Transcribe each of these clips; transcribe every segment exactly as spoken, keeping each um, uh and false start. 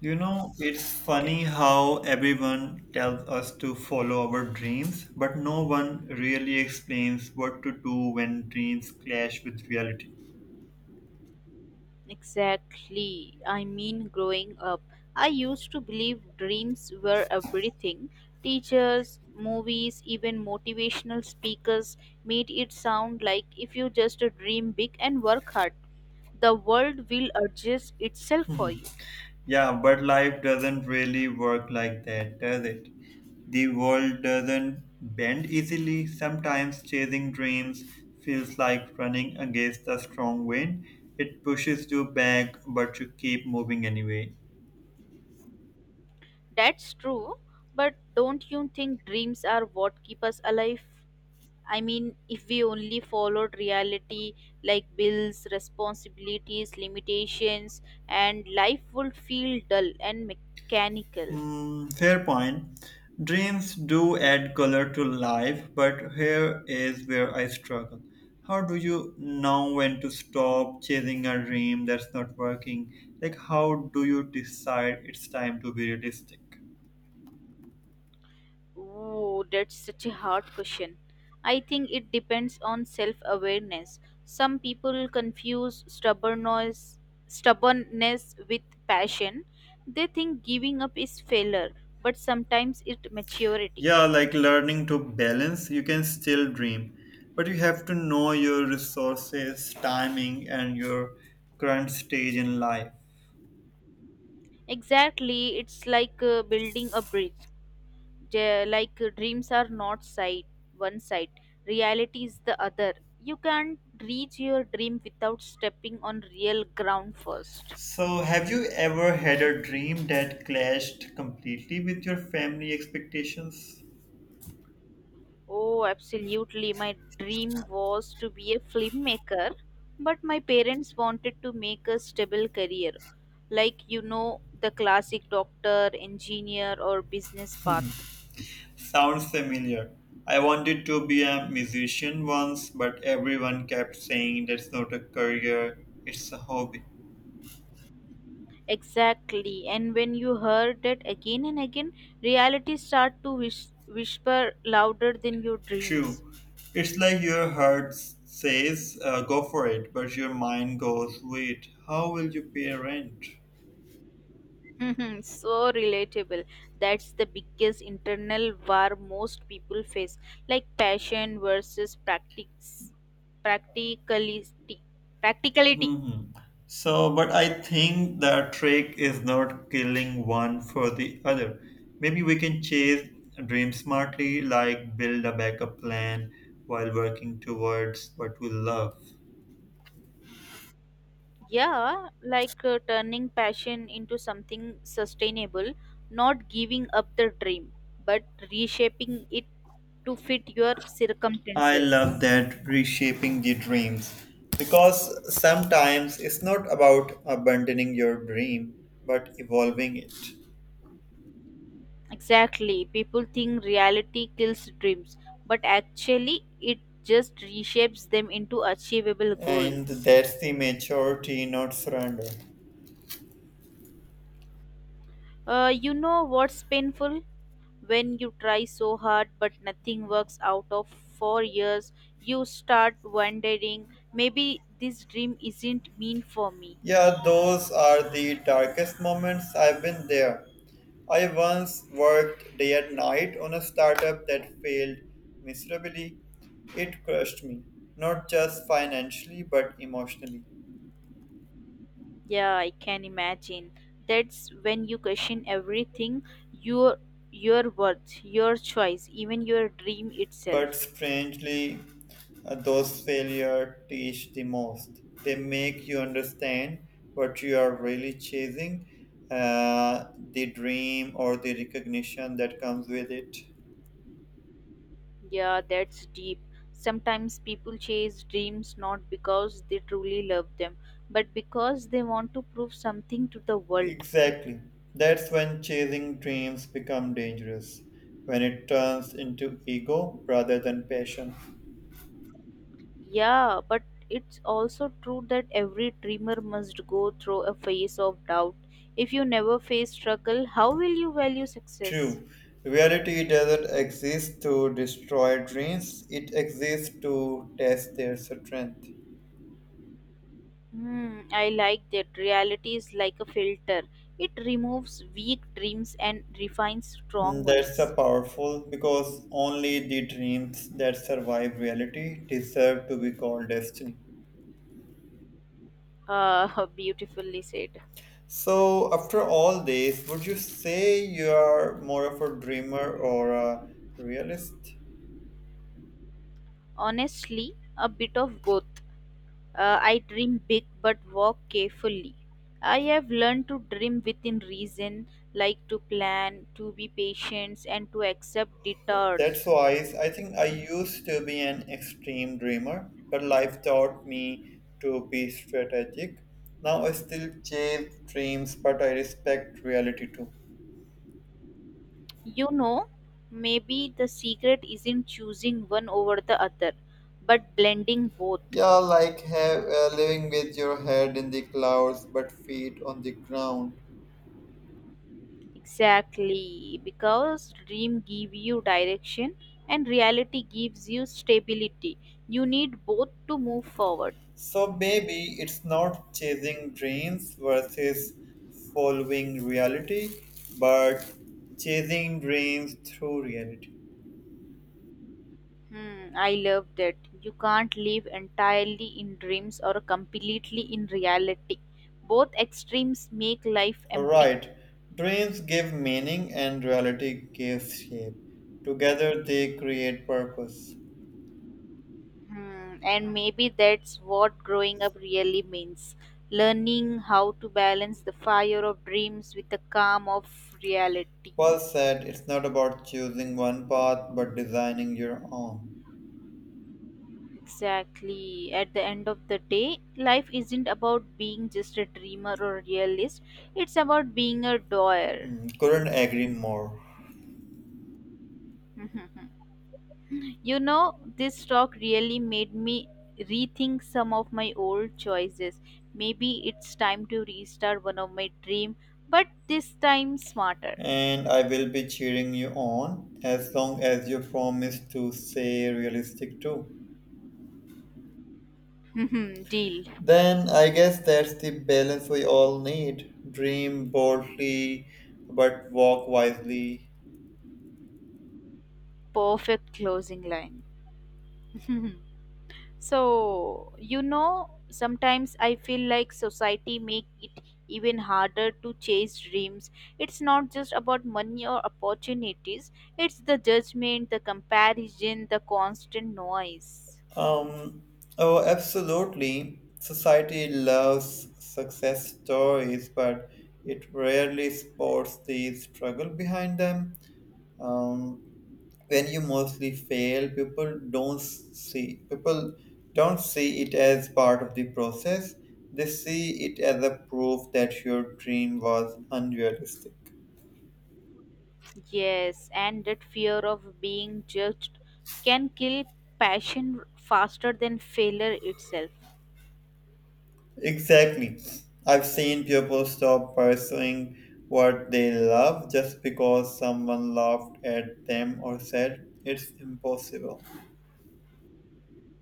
You know, it's Okay. funny how everyone tells us to follow our dreams, but no one really explains what to do when dreams clash with reality. Exactly. I mean, growing up, I used to believe dreams were everything. Teachers, movies, even motivational speakers made it sound like if you just dream big and work hard, the world will adjust itself for you. Yeah, but life doesn't really work like that, does it? The world doesn't bend easily. Sometimes chasing dreams feels like running against a strong wind. It pushes you back, but you keep moving anyway. That's true, but don't you think dreams are what keep us alive? I mean, if we only followed reality like bills, responsibilities, limitations, and life would feel dull and mechanical. Hmm, fair point. Dreams do add color to life, but here is where I struggle. How do you know when to stop chasing a dream that's not working? Like, how do you decide it's time to be realistic? Oh, that's such a hard question. I think it depends on self awareness. Some people confuse stubbornness, stubbornness with passion. They think giving up is failure, but sometimes it's maturity. Yeah, like learning to balance, you can still dream, but you have to know your resources, timing, and your current stage in life. Exactly, it's like uh, building a bridge. J- like uh, dreams are not side, one side, reality is the other. You can't reach your dream without stepping on real ground first. So, have you ever had a dream that clashed completely with your family expectations? Oh, absolutely. My dream was to be a filmmaker, but my parents wanted to make a stable career, like you know, the classic doctor, engineer, or business path. Sounds familiar. I wanted to be a musician once, but everyone kept saying that's not a career, it's a hobby. Exactly. And when you heard that again and again, reality start to whis- whisper louder than your dreams. True. It's like your heart says, uh, go for it, but your mind goes, wait, how will you pay rent? So relatable. That's the biggest internal war most people face, like passion versus practice, practicality. Practicality. hmm So, but I think the trick is not killing one for the other. Maybe we can chase dream smartly, like build a backup plan while working towards what we love. Yeah, like uh, turning passion into something sustainable, not giving up the dream, but reshaping it to fit your I love circumstances. that reshaping the dreams because sometimes it's not about abandoning your dream but evolving it. Exactly. People think reality kills dreams, but actually, it just reshapes them into achievable And goals. that's the maturity, not surrender. Uh, you know what's painful? When you try so hard but nothing works out of four years, you start wondering maybe this dream isn't mean for me. Yeah, those are the darkest moments. I've been there. I once worked day and night on a startup that failed miserably. It crushed me, not just financially but emotionally. Yeah, I can imagine. That's when you question everything, your your worth, your choice, even your dream But itself. strangely, uh, those failures teach the most. They make you understand what you are really chasing, uh, the dream or the recognition that comes with it. Yeah, that's deep. Sometimes people chase dreams not because they truly love them, but because they want to prove something to the world. Exactly. That's when chasing dreams become dangerous, when it turns into ego rather than passion. Yeah, but it's also true that every dreamer must go through a phase of doubt. If you never face struggle, how will you value success? True. Reality doesn't exist to destroy dreams, it exists to test their strength. Hmm, I like that. Reality is like a filter. It removes weak dreams and refines Mm, strong that's a ones. powerful because only the dreams that survive reality deserve to be called destiny. Ah, beautifully said. So, after all this, would you say you are more of a dreamer or a realist? Honestly, a bit of both. Uh, I dream big but work carefully. I have learned to dream within reason, like to plan, to be patient, and to accept That's detours. wise. I think I used to be an extreme dreamer, but life taught me to be strategic. Now I still chase dreams, but I respect reality too. You know, maybe the secret isn't choosing one over the other, but blending both. Yeah, like have, uh, living with your head in the clouds but feet on the ground. Exactly, because dream give you direction and reality gives you stability. You need both to move forward. So maybe it's not chasing dreams versus following reality, but chasing dreams through reality. Hmm, I love that. You can't live entirely in dreams or completely in reality. Both extremes make life empty. Right. Dreams give meaning and reality gives shape. Together they create purpose. Hmm, and maybe that's what growing up really means, learning how to balance the fire of dreams with the calm of reality. Well said, it's not about choosing one path but designing your own. Exactly. At the end of the day, life isn't about being just a dreamer or realist, it's about being a doer. Mm, couldn't agree more. You know, this talk really made me rethink some of my old choices. Maybe it's time to restart one of my dream, but this time smarter. And I will be cheering you on as long as you promise to stay realistic too. Deal. Then I guess that's the balance we all need. Dream boldly but walk wisely. Perfect closing line. So, you know, sometimes I feel like society make it even harder to chase dreams. It's not just about money or opportunities, it's the judgment, the comparison, the constant noise. Um, oh, absolutely. Society loves success stories, but it rarely supports the struggle behind them. Um, when you mostly fail, people don't see people don't see it as part of the process. They see it as a proof that your dream was unrealistic. Yes, and that fear of being judged can kill passion faster than failure itself. Exactly. I've seen people stop pursuing what they love just because someone laughed at them or said it's impossible.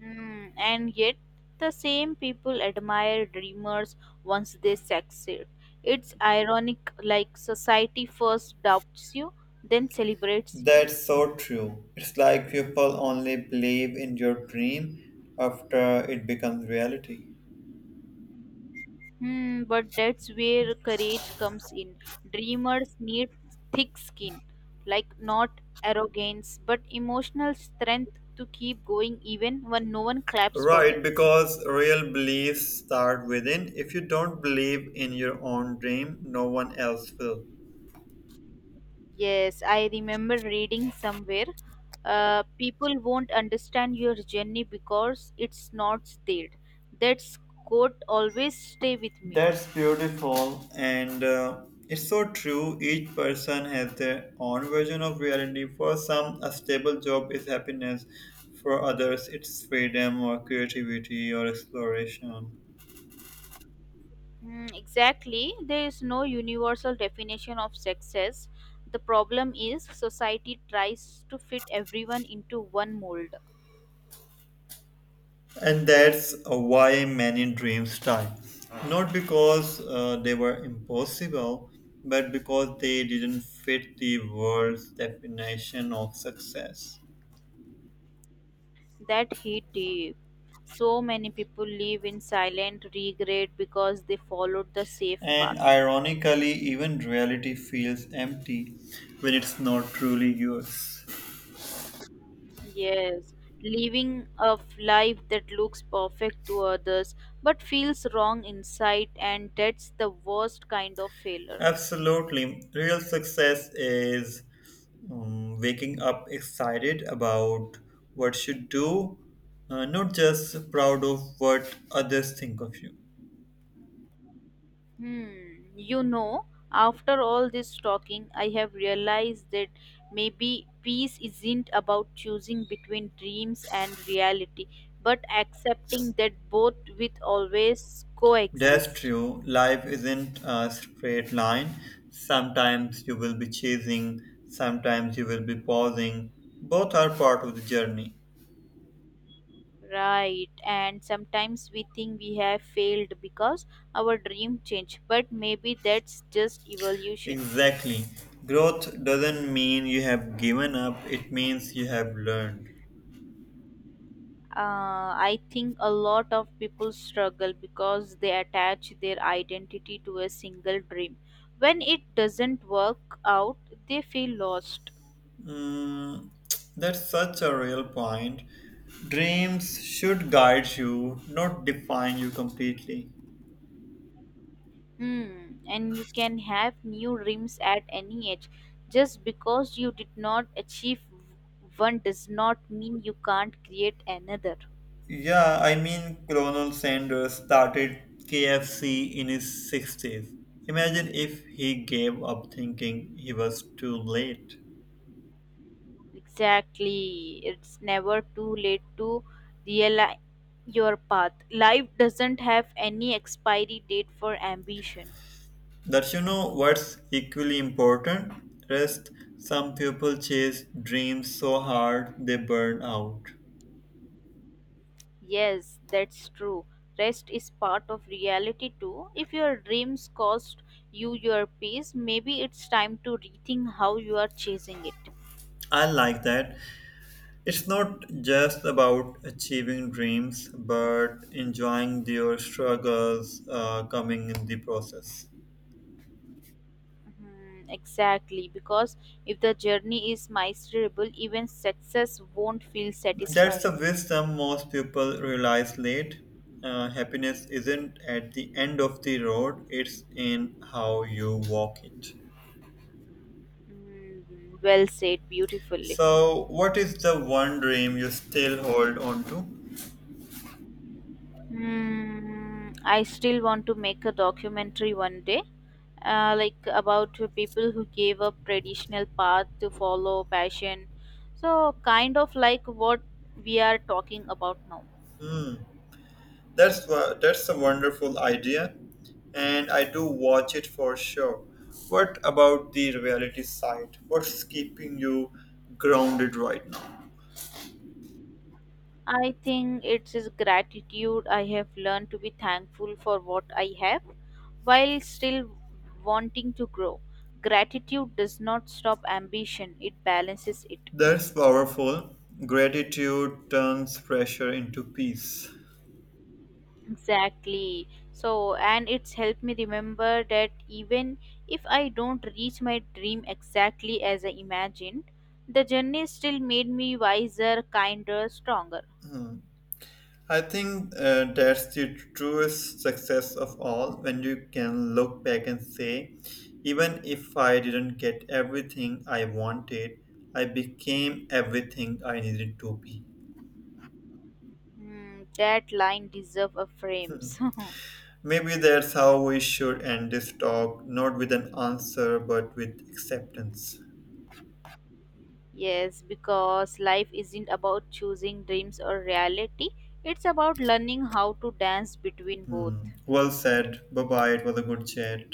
Mm, and yet, the same people admire dreamers once they succeed. It's ironic, like society first doubts you, then celebrates you. That's so true. It's like people only believe in your dream after it becomes reality. Hmm, but that's where courage comes in. Dreamers need thick skin, like not arrogance, but emotional strength to keep going even when no one claps for Right, them. because real beliefs start within. If you don't believe in your own dream, no one else will. Yes, I remember reading somewhere, uh, people won't understand your journey because it's not stated. That quote always stay with me. That's beautiful, and uh, it's so true. Each person has their own version of reality. For some, a stable job is happiness; for others, it's freedom or creativity or exploration. Mm, exactly. There is no universal definition of success. The problem is society tries to fit everyone into one mold. And that's uh, why many dreams die. Not because uh, they were impossible, but because they didn't fit the world's definition of success. That hit deep. So many people live in silent regret because they followed the safe And path. ironically, even reality feels empty when it's not truly yours. Yes, living a f- life that looks perfect to others but feels wrong inside, and that's the worst kind of failure. Absolutely. Real success is um, waking up excited about what you do, uh, not just proud of what others think of you. Hmm, you know, after all this talking, I have realized that maybe peace isn't about choosing between dreams and reality, but accepting that both with always That's coexist. true. Life isn't a straight line. Sometimes you will be chasing, sometimes you will be pausing. Both are part of the journey. Right, and sometimes we think we have failed because our dream changed, but maybe that's just evolution. Exactly. Growth doesn't mean you have given up, it means you have learned. uh, I think a lot of people struggle because they attach their identity to a single dream. When it doesn't work out, they feel lost. Mm, that's such a real point. Dreams should guide you, not define you completely. Hmm. And you can have new dreams at any age. Just because you did not achieve one does not mean you can't create another. Yeah, I mean, Colonel Sanders started K F C in his sixties. Imagine if he gave up thinking he was too late. Exactly. It's never too late to realize your path. Life doesn't have any expiry date for ambition. That you know what's equally important? Rest. Some people chase dreams so hard they burn out. Yes, that's true. Rest is part of reality too. If your dreams cost you your peace, maybe it's time to rethink how you are chasing it. I like that. It's not just about achieving dreams, but enjoying your struggles uh, coming in the process. Hmm, exactly, because if the journey is miserable, even success won't feel That's the satisfying. wisdom most people realize late. Uh, happiness isn't at the end of the road, it's in how you walk it. Mm, well said, beautifully. So, what is the one dream you still hold on to? Hmm, I still want to make a documentary one day, uh, like about people who gave up traditional path to follow passion, so kind of like what we are talking about now. That's wa- that's a wonderful idea, and I do watch it for sure. What about the reality side? What's keeping you grounded right now? I think it's is gratitude. I have learned to be thankful for what I have while still wanting to grow. Gratitude does not stop ambition, it balances it. That's powerful. Gratitude turns pressure into peace. Exactly. So, and it's helped me remember that even if I don't reach my dream exactly as I imagined, the journey still made me wiser, kinder, stronger. I think uh, that's the truest success of all. When you can look back and say, even if I didn't get everything I wanted, I became everything I needed to be. Hmm, that line deserves a frame. Maybe that's how we should end this talk, not with an answer, but with acceptance. Yes, because life isn't about choosing dreams or reality. It's about learning how to dance between both. Hmm. Well said. Bye bye. It was a good chat.